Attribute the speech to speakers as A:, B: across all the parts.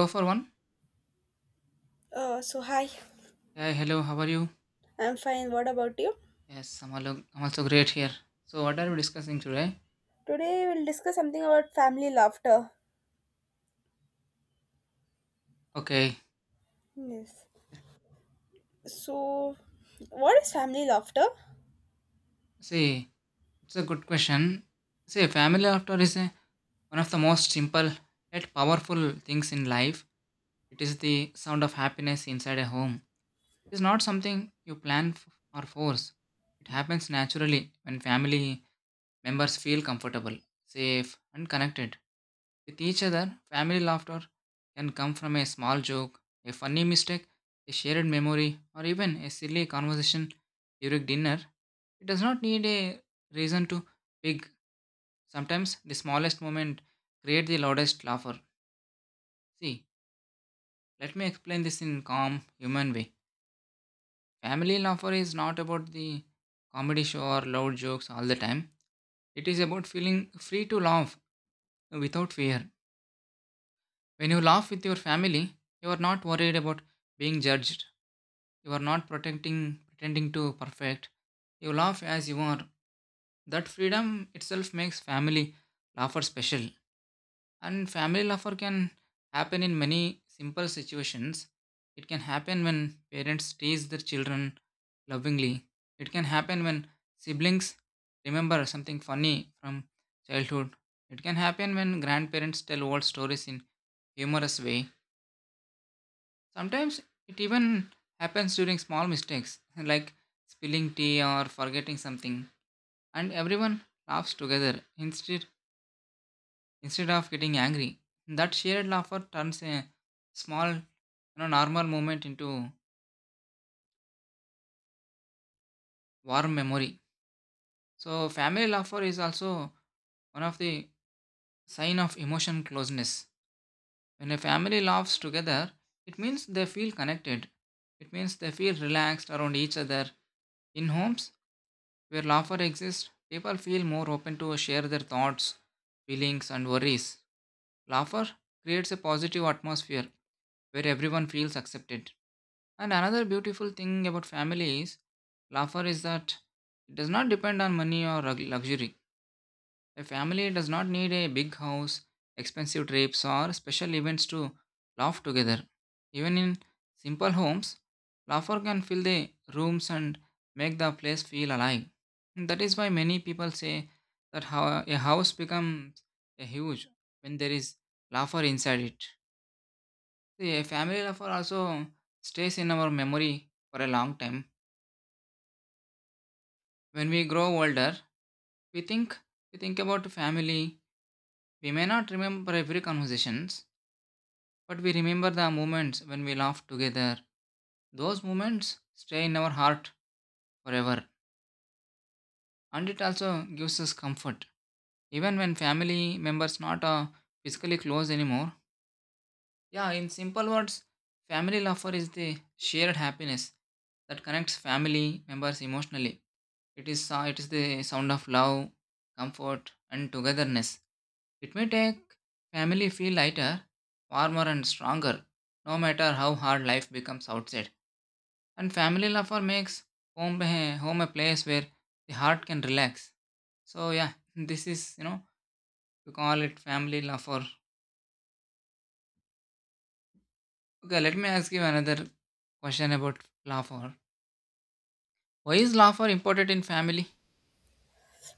A: Go for one.
B: So hi,
A: Hey, hello, how are you?
B: I'm fine. What about you?
A: Yes, I'm also great here. So, what are we discussing today?
B: Today we'll discuss something about family laughter.
A: Okay,
B: Yes. So, what is family laughter?
A: see, it's a good question. See, family after is a, one of the most simple yet powerful things in life. It is the sound of happiness inside a home. It is not something you plan f- or force. It happens naturally when family members feel comfortable, safe, and connected. With each other, family laughter can come from a small joke, a funny mistake, a shared memory, or even a silly conversation during dinner. It does not need a reason to big. Sometimes the smallest moment create the loudest laughter. See, let me explain this in calm human way. Family laughter is not about the comedy show or loud jokes all the time. It is about feeling free to laugh without fear. When you laugh with your family, you are not worried about being judged. You are not protecting pretending to perfect. You laugh as you are. That freedom itself makes family laughter special. And family laughter can happen in many simple situations. It can happen when parents tease their children lovingly. It can happen when siblings remember something funny from childhood. It can happen when grandparents tell old stories in humorous way. Sometimes it even happens during small mistakes like spilling tea or forgetting something, and everyone laughs together instead of getting angry. That shared laughter turns a small, normal moment into warm memory. So family laughter is also one of the sign of emotion closeness. When a family laughs together, it means they feel connected. It means they feel relaxed around each other in homes. Where laughter exists, people feel more open to share their thoughts, feelings, and worries. Laughter creates a positive atmosphere where everyone feels accepted. And another beautiful thing about family is laughter is that it does not depend on money or luxury. A family does not need a big house, expensive trips, or special events to laugh together. Even in simple homes, laughter can fill the rooms and make the place feel alive. That is why many people say that how a house becomes a huge when there is laughter inside it. See, a family laughter also stays in our memory for a long time. When we grow older, we think we think about family. We may not remember every conversations, but we remember the moments when we laughed together. Those moments stay in our heart forever. And it also gives us comfort. Even when family members not physically close anymore. Yeah, in simple words, family laughter is the shared happiness that connects family members emotionally. It is the sound of love, comfort, and togetherness. It may take family feel lighter, warmer, and stronger, no matter how hard life becomes outside. And family laughter makes home a place where the heart can relax. So yeah, this is we call it family laughter. Okay, let me ask you another question about laughter. Why is laughter important in family?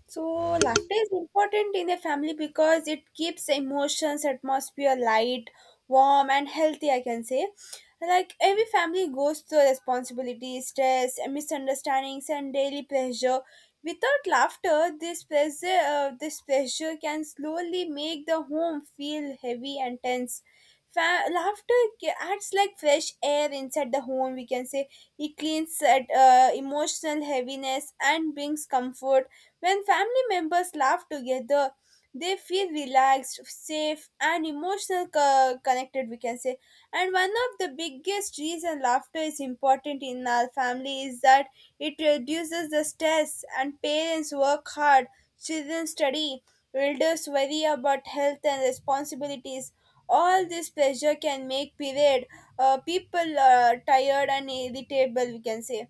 B: So, laughter is important in a family because it keeps emotions, atmosphere light, warm, and healthy. I can say, like every family goes through responsibilities, stress, and misunderstandings, and daily pressure. Without laughter, this pressure can slowly make the home feel heavy and tense. Laughter acts like fresh air inside the home, we can say. It cleans at, emotional heaviness and brings comfort. When family members laugh together, they feel relaxed, safe, and emotional connected, we can say. And one of the biggest reason laughter is important in our family is that it reduces the stress, and parents work hard, children study, elders worry about health and responsibilities. All this pressure can make period people tired and irritable, we can say.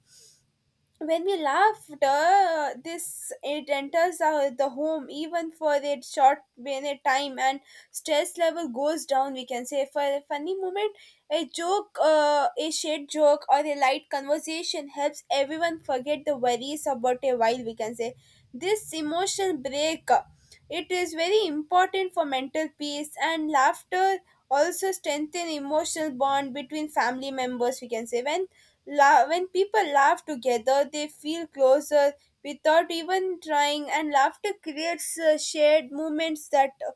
B: When we laughed, this it enters the home even for a short minute time, and stress level goes down, we can say. For a funny moment, a shared joke or a light conversation helps everyone forget the worries about a while, we can say. This emotional break, it is very important for mental peace. And laughter also strengthen emotional bond between family members, we can say. When people laugh together, they feel closer without even trying, and laughter creates shared moments that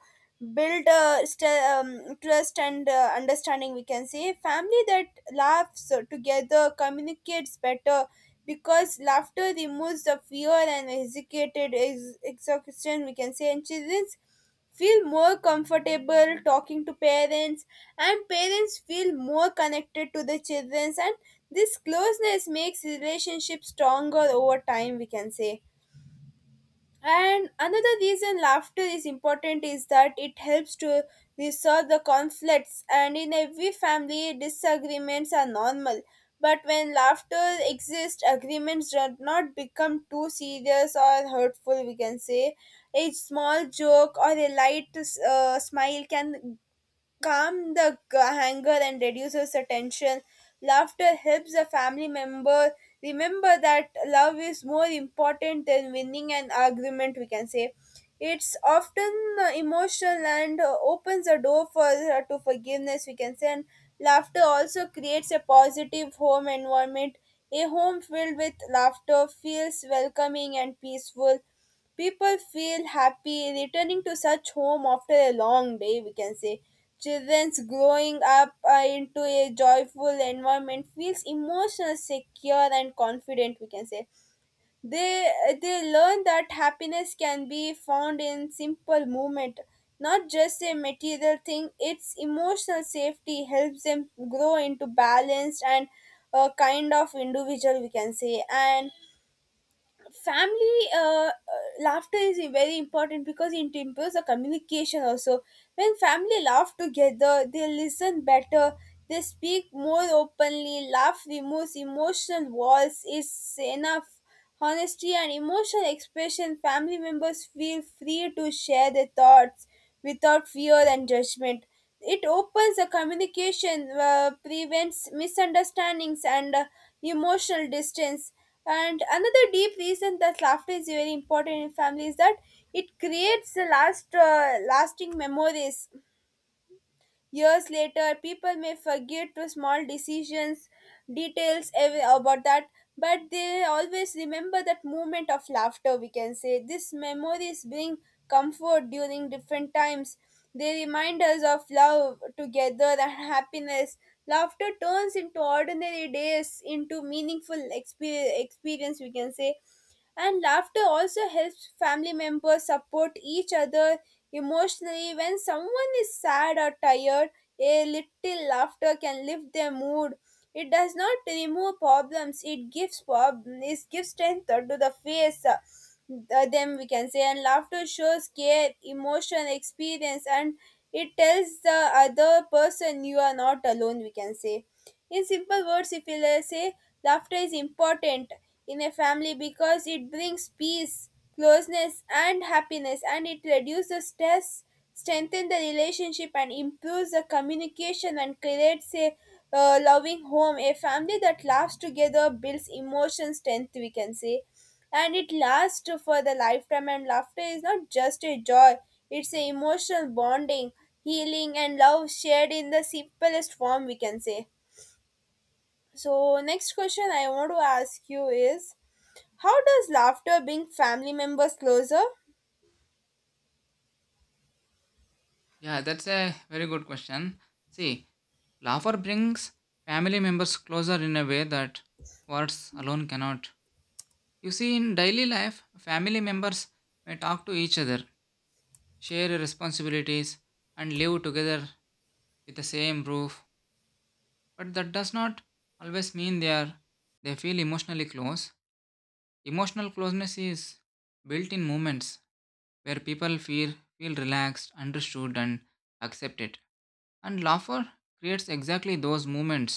B: build, trust and understanding, we can say. Family that laughs together communicates better because laughter removes the fear and hesitated exhaustion, we can say. And children feel more comfortable talking to parents, and parents feel more connected to the children, and this closeness makes relationships stronger over time, we can say. And another reason laughter is important is that it helps to resolve the conflicts. And in every family, disagreements are normal. But when laughter exists, agreements do not become too serious or hurtful, we can say. A small joke or a light, smile can calm the anger and reduces the tension. Laughter helps a family member remember that love is more important than winning an argument, we can say. It's often, emotional, and opens the door for to forgiveness, we can say. And laughter also creates a positive home environment. A home filled with laughter feels welcoming and peaceful. People feel happy returning to such home after a long day, we can say. Children's growing up, into a joyful environment feels emotional, secure, and confident, we can say. They, they learn that happiness can be found in simple movement, not just a material thing. Its emotional safety helps them grow into balanced and a kind of individual, we can say. And family, laughter is very important because it improves the communication also. When family laugh together, they listen better, they speak more openly. Laugh removes emotional walls. It's enough honesty and emotional expression. Family members feel free to share their thoughts without fear and judgment. It opens the communication, prevents misunderstandings and emotional distance. And another deep reason that laughter is very important in family is that it creates the lasting memories. Years later, people may forget to small decisions, details about that, but they always remember that moment of laughter, we can say. These memories bring comfort during different times. They remind us of love, together, and happiness. Laughter turns into ordinary days into meaningful experience, we can say. And laughter also helps family members support each other emotionally. When someone is sad or tired, a little laughter can lift their mood. It does not remove problems, it gives it gives strength to the face, them, we can say. And laughter shows care, emotion, experience, and it tells the other person you are not alone, we can say. In simple words, if we'll say, laughter is important in a family because it brings peace, closeness, and happiness, and it reduces stress, strengthens the relationship, and improves the communication and creates a, loving home. A family that laughs together builds emotion strength, we can say, and it lasts for the lifetime. And laughter is not just a joy; it's an emotional bonding, healing, and love shared in the simplest form, we can say. So, next question I want to ask you is, how does laughter bring family members closer?
A: Yeah, that's a very good question. See, laughter brings family members closer in a way that words alone cannot. You see, in daily life, family members may talk to each other, share responsibilities, and live together with the same roof, but that does not always mean they feel emotionally close. Emotional closeness is built in moments where people feel relaxed, understood, and accepted. And laughter creates exactly those moments.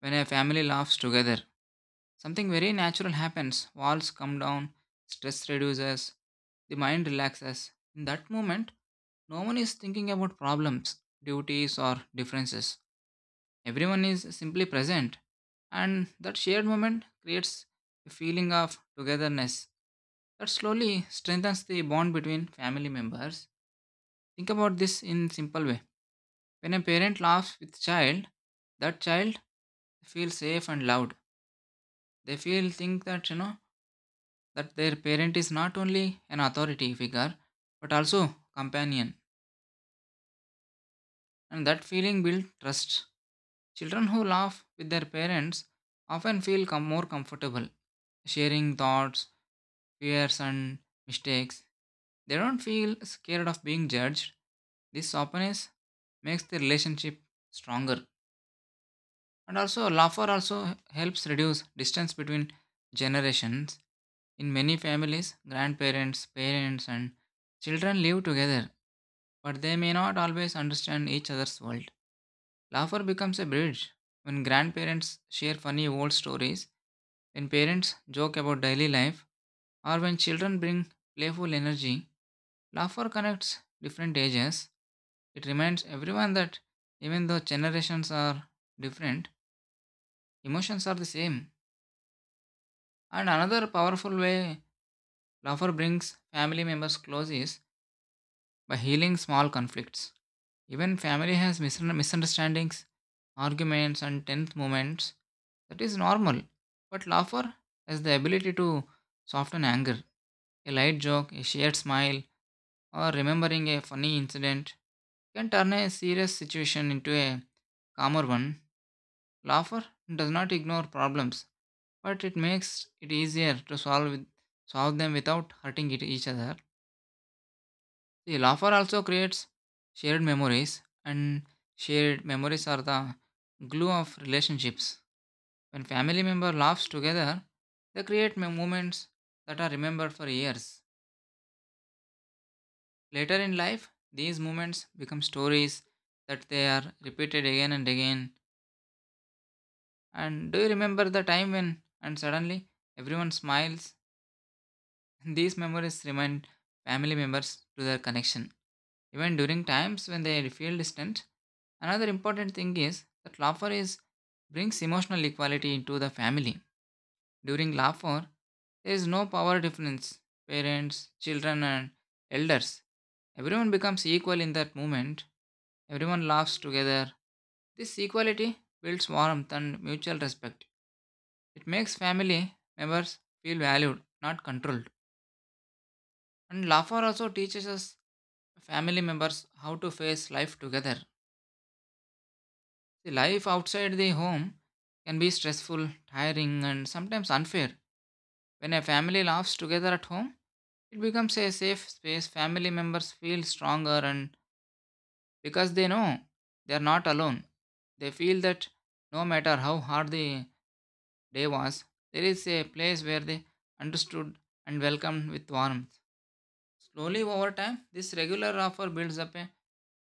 A: When a family laughs together, something very natural happens. Walls come down, stress reduces, the mind relaxes. In that moment, no one is thinking about problems, duties, or differences. Everyone is simply present, and that shared moment creates a feeling of togetherness that slowly strengthens the bond between family members. Think about this in simple way. When a parent laughs with child, that child feels safe and loved. They feel think that you know that their parent is not only an authority figure but also companion, and that feeling builds trust. Children who laugh with their parents often feel more comfortable sharing thoughts, fears, and mistakes. They don't feel scared of being judged. This openness makes the relationship stronger. And also, laughter also helps reduce distance between generations. In many families, grandparents, parents, and children live together, but they may not always understand each other's world. Laughter becomes a bridge when grandparents share funny old stories, when parents joke about daily life, or when children bring playful energy. Laughter connects different ages. It reminds everyone that even though generations are different, emotions are the same. And another powerful way laughter brings family members close is by healing small conflicts. Even family has misunderstandings, arguments, and tense moments. That is normal. But laughter has the ability to soften anger. A light joke, a shared smile, or remembering a funny incident can turn a serious situation into a calmer one. Laughter does not ignore problems, but it makes it easier to solve them without hurting it, each other. The laughter also creates shared memories, and shared memories are the glue of relationships. When family member laughs together, they create moments that are remembered for years. Later in life, these moments become stories that they are repeated again and again. And do you remember the time when, and suddenly everyone smiles? These memories remind family members to their connection, even during times when they feel distant. Another important thing is that laughter is brings emotional equality into the family. During laughter, there is no power difference. Parents, children, and elders, everyone becomes equal in that moment. Everyone laughs together. This equality builds warmth and mutual respect. It makes family members feel valued, not controlled. And laughter also teaches us family members how to face life together. The life outside the home can be stressful, tiring, and sometimes unfair. When a family laughs together at home, it becomes a safe space. Family members feel stronger, and because they know they are not alone, they feel that no matter how hard the day was, there is a place where they understood and welcomed with warmth. Slowly over time, this regular offer builds up a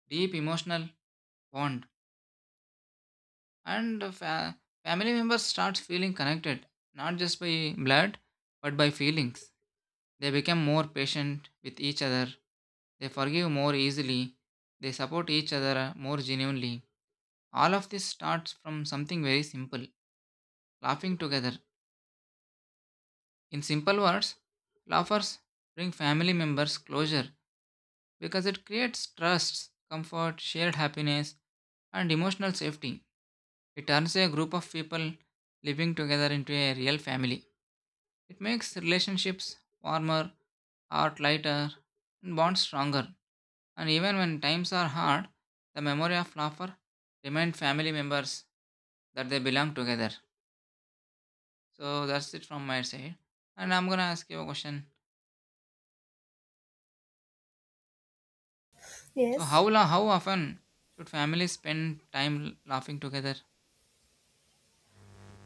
A: deep emotional bond, and family members start feeling connected not just by blood but by feelings. They become more patient with each other, they forgive more easily, they support each other more genuinely. All of this starts from something very simple: laughing together. In simple words, laughers bring family members closure because it creates trust, comfort, shared happiness, and emotional safety. It turns a group of people living together into a real family. It makes relationships warmer, heart lighter, and bonds stronger. And even when times are hard, the memory of laughter remind family members that they belong together. So that's it from my side. And I'm gonna ask you a question. So
B: Yes.
A: how often should families spend time laughing together?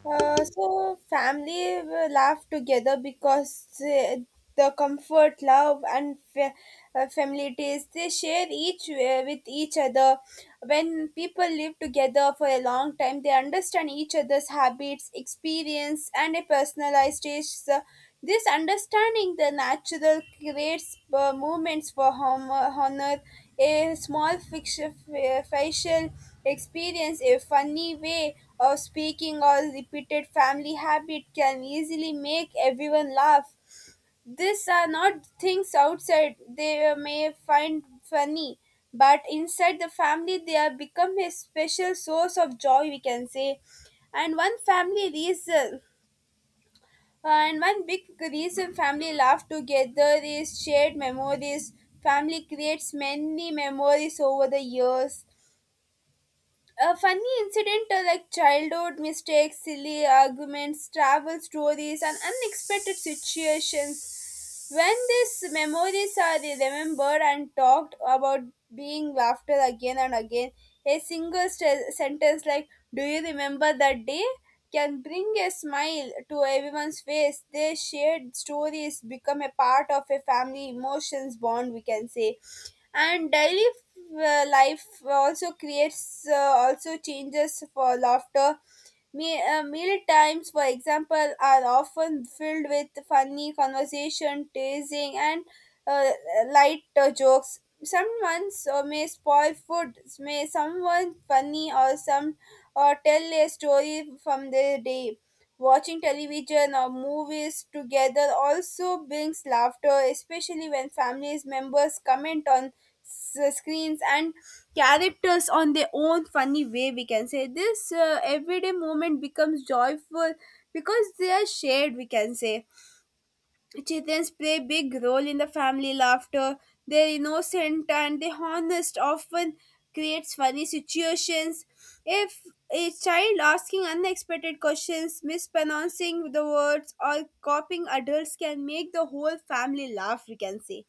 B: So, family will laugh together because, the comfort, love, and familiarity they share each with each other. When people live together for a long time, they understand each other's habits, experience, and a personalized taste. So this understanding the natural creates, movements for honor, a small fiction, facial experience, a funny way of speaking or repeated family habit can easily make everyone laugh. These are not things outside they may find funny, but inside the family they are become a special source of joy, we can say. And one family reason, and one big reason family laugh together is shared memories. Family creates many memories over the years. A funny incident, like childhood mistakes, silly arguments, travel stories, and unexpected situations, when these memories are remembered and talked about, being laughter again and again, a single sentence like "Do you remember that day?" can bring a smile to everyone's face. Their shared stories become a part of a family emotions bond, we can say. And daily, life also creates also changes for laughter. Meal times, for example, are often filled with funny conversation, teasing, and, uh, light, jokes. Some months, may spoil food, may someone funny or some or tell a story from their day. Watching television or movies together also brings laughter, especially when family members comment on screens and characters on their own funny way, we can say. This, everyday moment becomes joyful because they are shared, we can say. Chitans play a big role in the family laughter. They innocent and they honest often creates funny situations. If a child asking unexpected questions, mispronouncing the words or copying adults can make the whole family laugh, we can say.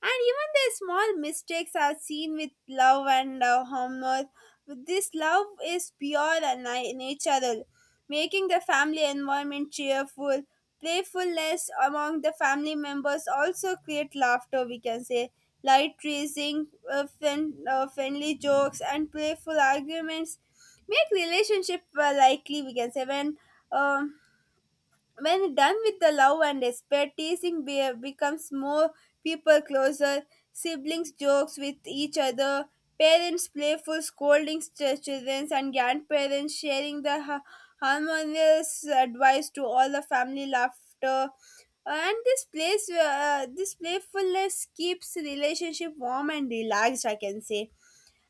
B: And even their small mistakes are seen with love and, humor. This love is pure and natural, making the family environment cheerful. Playfulness among the family members also create laughter, we can say. Light teasing, friendly jokes, and playful arguments make relationship, likely, we can say. Um, when done with the love and despair, teasing becomes more people closer. Siblings jokes with each other, parents playful scolding children, and grandparents sharing the harmonious advice to all the family laughter. And this playfulness keeps relationship warm and relaxed, I can say.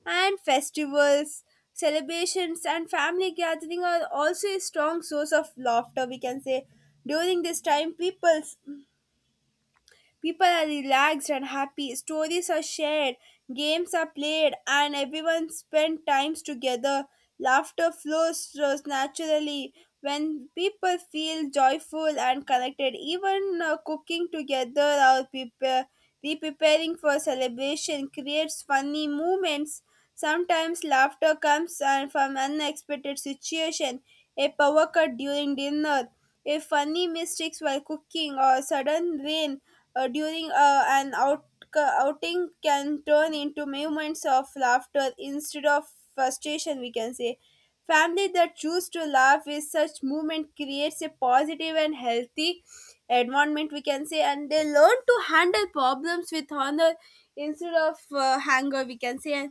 B: And festivals, celebrations, and family gathering are also a strong source of laughter, we can say. During this time, people are relaxed and happy, stories are shared, games are played, and everyone spend times together. Laughter flows just naturally when people feel joyful and connected. Even, cooking together or re-preparing for celebration creates funny moments. Sometimes laughter comes, from unexpected situation, a power cut during dinner, a funny mistakes while cooking, or sudden rain, during, an outing can turn into moments of laughter instead of frustration, we can say. Family that choose to laugh with such movement creates a positive and healthy environment, we can say, and they learn to handle problems with honor instead of, anger, we can say.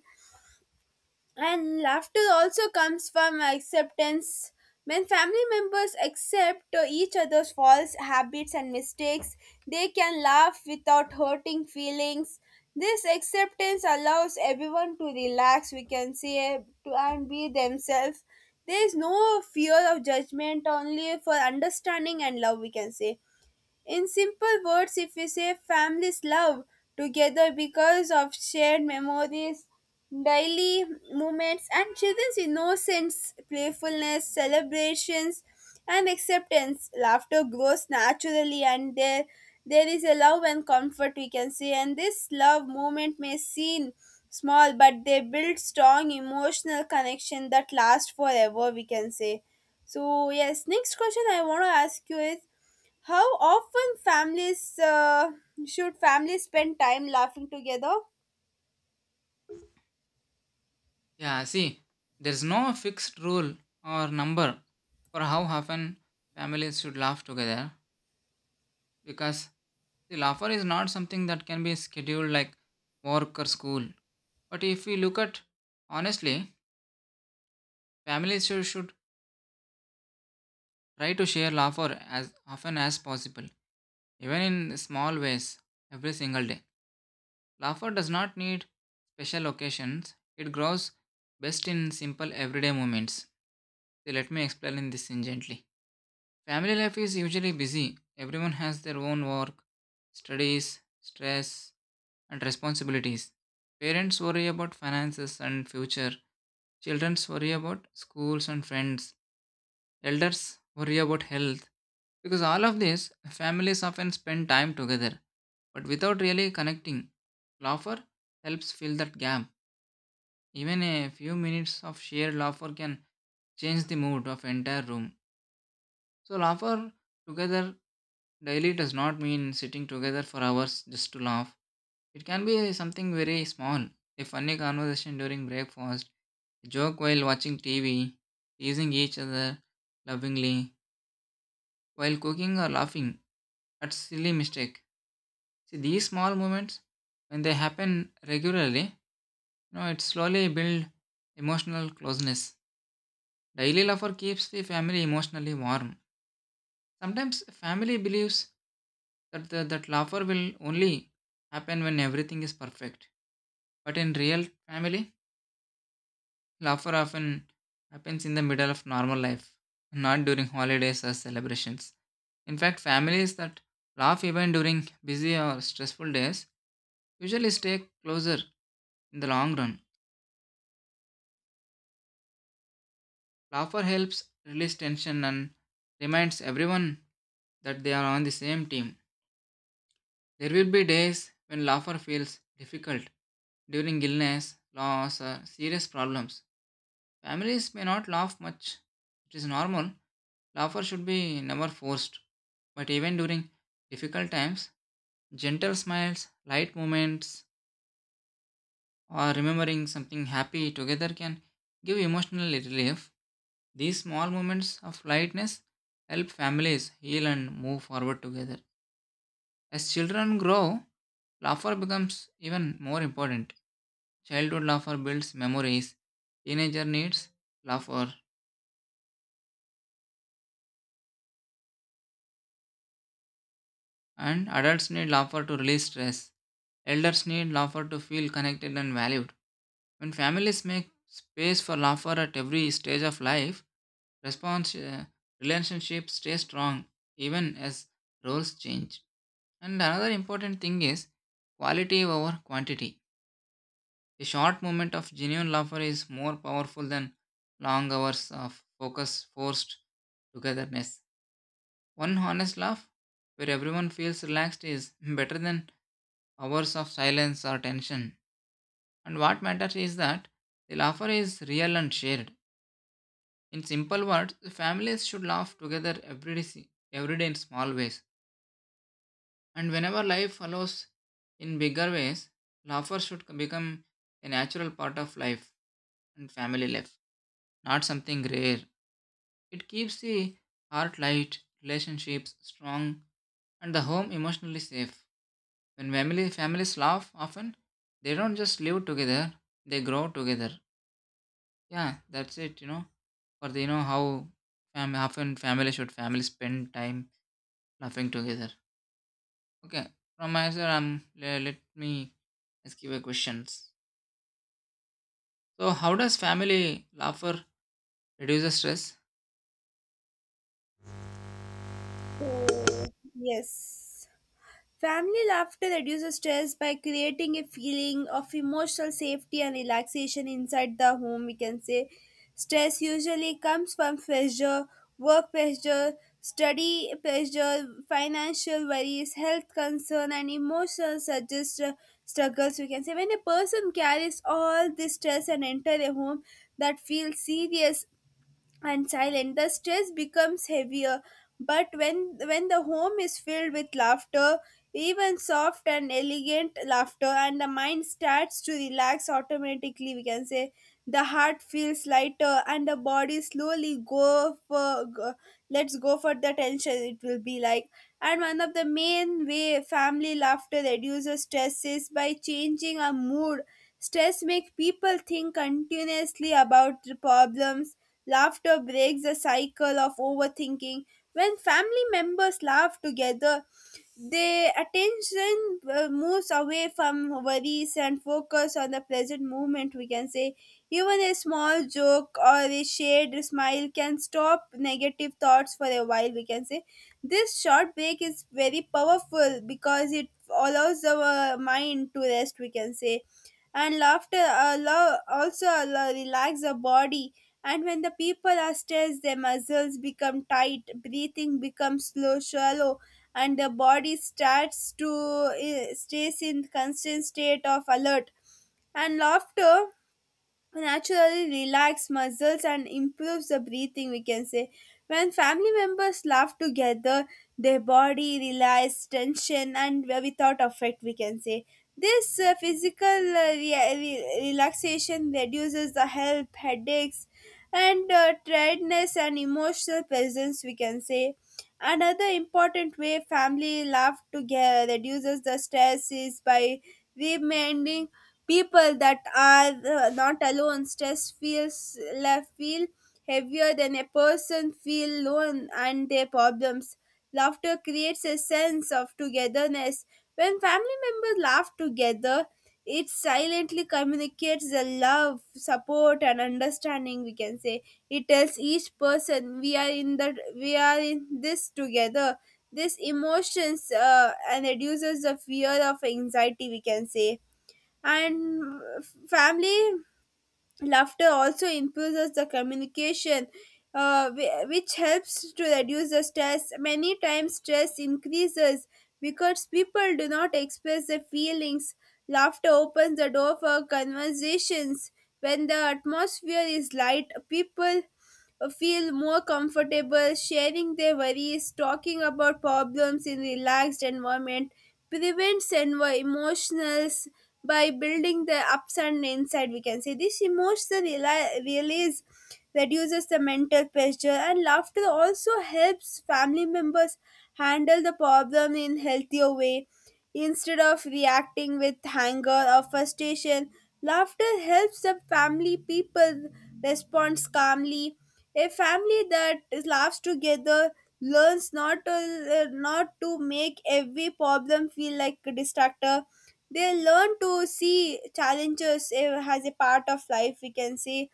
B: And laughter also comes from acceptance. When family members accept, each other's faults, habits, and mistakes, they can laugh without hurting feelings. This acceptance allows everyone to relax, we can say, and be themselves. There is no fear of judgment, only for understanding and love, we can say. In simple words, if we say, families love together because of shared memories, daily moments, and children's innocence, playfulness, celebrations, and acceptance, laughter grows naturally, and there is a love and comfort, we can say. And this love moment may seem small, but they build strong emotional connection that lasts forever, we can say. So yes, next question I want to ask you is, how often families should families spend time laughing together?
A: Yeah, see, there's no fixed rule or number for how often families should laugh together, because the laughter is not something that can be scheduled like work or school. But if we look at honestly, families should try to share laughter as often as possible, even in small ways every single day. Laughter does not need special occasions, it grows best in simple everyday moments. So let me explain in this in gently. Family life is usually busy. Everyone has their own work, studies, stress, and responsibilities. Parents worry about finances and future. Children worry about schools and friends. Elders worry about health. Because all of this, families often spend time together, but without really connecting. Laughter helps fill that gap. Even a few minutes of shared laughter can change the mood of entire room. So laughter together daily does not mean sitting together for hours just to laugh. It can be something very small. A funny conversation during breakfast, a joke while watching TV, teasing each other lovingly while cooking, or laughing at silly mistake. See, these small moments, when they happen regularly, it slowly builds emotional closeness. Daily laughter keeps the family emotionally warm. Sometimes family believes that laughter will only happen when everything is perfect. But in real family, laughter often happens in the middle of normal life, not during holidays or celebrations. In fact, families that laugh even during busy or stressful days usually stay closer in the long run. Laughter helps release tension and reminds everyone that they are on the same team. There will be days when laughter feels difficult. During illness, loss, or serious problems, families may not laugh much. It is normal. Laughter should be never forced. But even during difficult times, gentle smiles, light moments, or remembering something happy together can give emotional relief. These small moments of lightness help families heal and move forward together. As children grow, laughter becomes even more important. Childhood laughter builds memories. Teenager needs laughter, and adults need laughter to release stress. Elders need laughter to feel connected and valued. When families make space for laughter at every stage of life, response relationships stay strong even as roles change. And another important thing is quality over quantity. A short moment of genuine laughter is more powerful than long hours of focus forced togetherness. One honest laugh where everyone feels relaxed is better than hours of silence or tension. And what matters is that the laughter is real and shared. In simple words, the families should laugh together every day in small ways. And whenever life follows in bigger ways, laughter should become a natural part of life and family life, not something rare. It keeps the heart light, relationships strong, and the home emotionally safe. When families laugh often, they don't just live together, they grow together. Yeah, that's it, For the, how often family should family spend time laughing together. Okay, from my side, let me ask you a questions. So, how does family laughter reduce the stress?
B: So, yes. Family laughter reduces stress by creating a feeling of emotional safety and relaxation inside the home, we can say. Stress usually comes from pressure, work pressure, study pressure, financial worries, health concern, and emotional suggest struggles. We can say when a person carries all this stress and enter a home that feels serious and silent, the stress becomes heavier. But when the home is filled with laughter, even soft and elegant laughter, and the mind starts to relax automatically, we can say the heart feels lighter and the body slowly let's go for the tension. It will be like, and one of the main way family laughter reduces stress is by changing our mood. Stress make people think continuously about the problems. Laughter breaks the cycle of overthinking. When family members laugh together, their attention moves away from worries and focus on the present moment, we can say. Even a small joke or a shared smile can stop negative thoughts for a while, we can say. This short break is very powerful because it allows our mind to rest, we can say. And laughter allow, also allow, relax the body. And when the people are stressed, their muscles become tight, breathing becomes slow, shallow, and the body starts to stays in constant state of alert. And laughter naturally relax muscles and improves the breathing, we can say. When family members laugh together, their body relaxes tension and without effect, we can say. This physical relaxation reduces the health headaches and tiredness and emotional presence, we can say. Another important way family laugh together reduces the stress is by reminding people that are not alone. Stress feels left feel heavier than a person feel alone and their problems. Laughter creates a sense of togetherness. When family members laugh together, it silently communicates the love, support, and understanding. We can say it tells each person we are in this together. This emotions and reduces the fear of anxiety, we can say. And family laughter also improves the communication, which helps to reduce the stress. Many times, stress increases because people do not express their feelings. Laughter opens the door for conversations. When the atmosphere is light, people feel more comfortable sharing their worries, talking about problems in relaxed environment prevents emotionals by building the ups and inside, we can say. This emotional release reduces the mental pressure, and laughter also helps family members handle the problem in healthier way. Instead of reacting with anger or frustration, laughter helps the family people respond calmly. A family that laughs together learns not to make every problem feel like a distractor. They learn to see challenges as a part of life, we can say.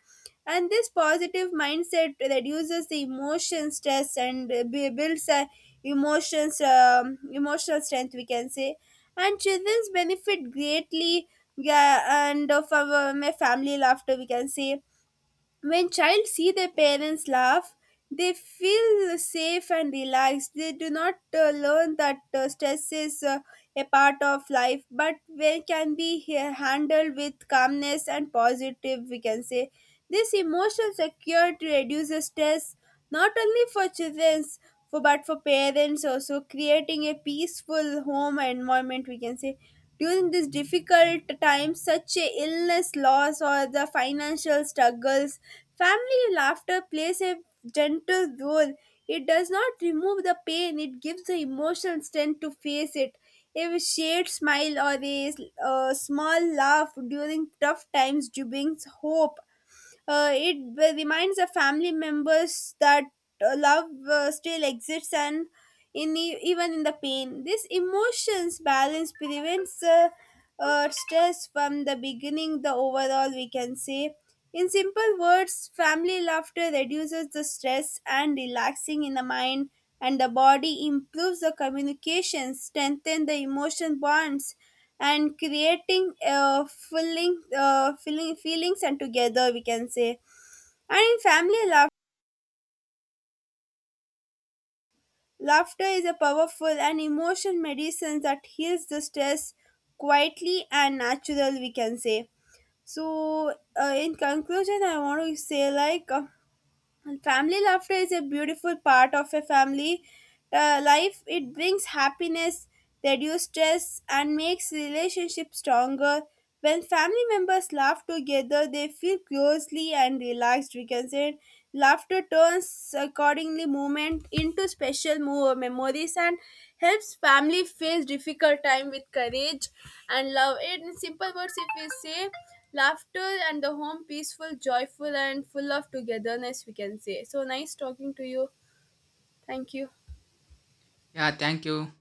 B: And this positive mindset reduces the emotion stress and builds a emotions emotional strength, we can say. And children benefit greatly, yeah, and from a family laughter, we can say. When child see their parents laugh, they feel safe and relaxed. They do not learn that stress is a part of life, but when can be handled with calmness and positive, we can say. This emotional security reduces stress not only for children for but for parents also, creating a peaceful home environment, we can say. During this difficult time such a illness, loss, or the financial struggles, family laughter plays a gentle role. It does not remove the pain, it gives the emotional strength to face it. A shared smile or a small laugh during tough times brings hope. It reminds the family members that love still exists and in even in the pain. This emotions balance prevents stress from the beginning. The overall, we can say. In simple words, family laughter reduces the stress and relaxing in the mind and the body, improves the communication, strengthen the emotion bonds, and creating filling feelings and together, we can say. And in family laugh, laughter is a powerful and emotion medicine that heals the stress quietly and natural, we can say. So, in conclusion, I want to say like, And family laughter is a beautiful part of a family life. It brings happiness, reduces stress, and makes relationships stronger. When family members laugh together, they feel closely and relaxed. We can say laughter turns accordingly moment into special memories and helps family face difficult time with courage and love. In simple words, if we say laughter and the home peaceful, joyful, and full of togetherness, we can say. So nice talking to you. Thank you.
A: Yeah, thank you.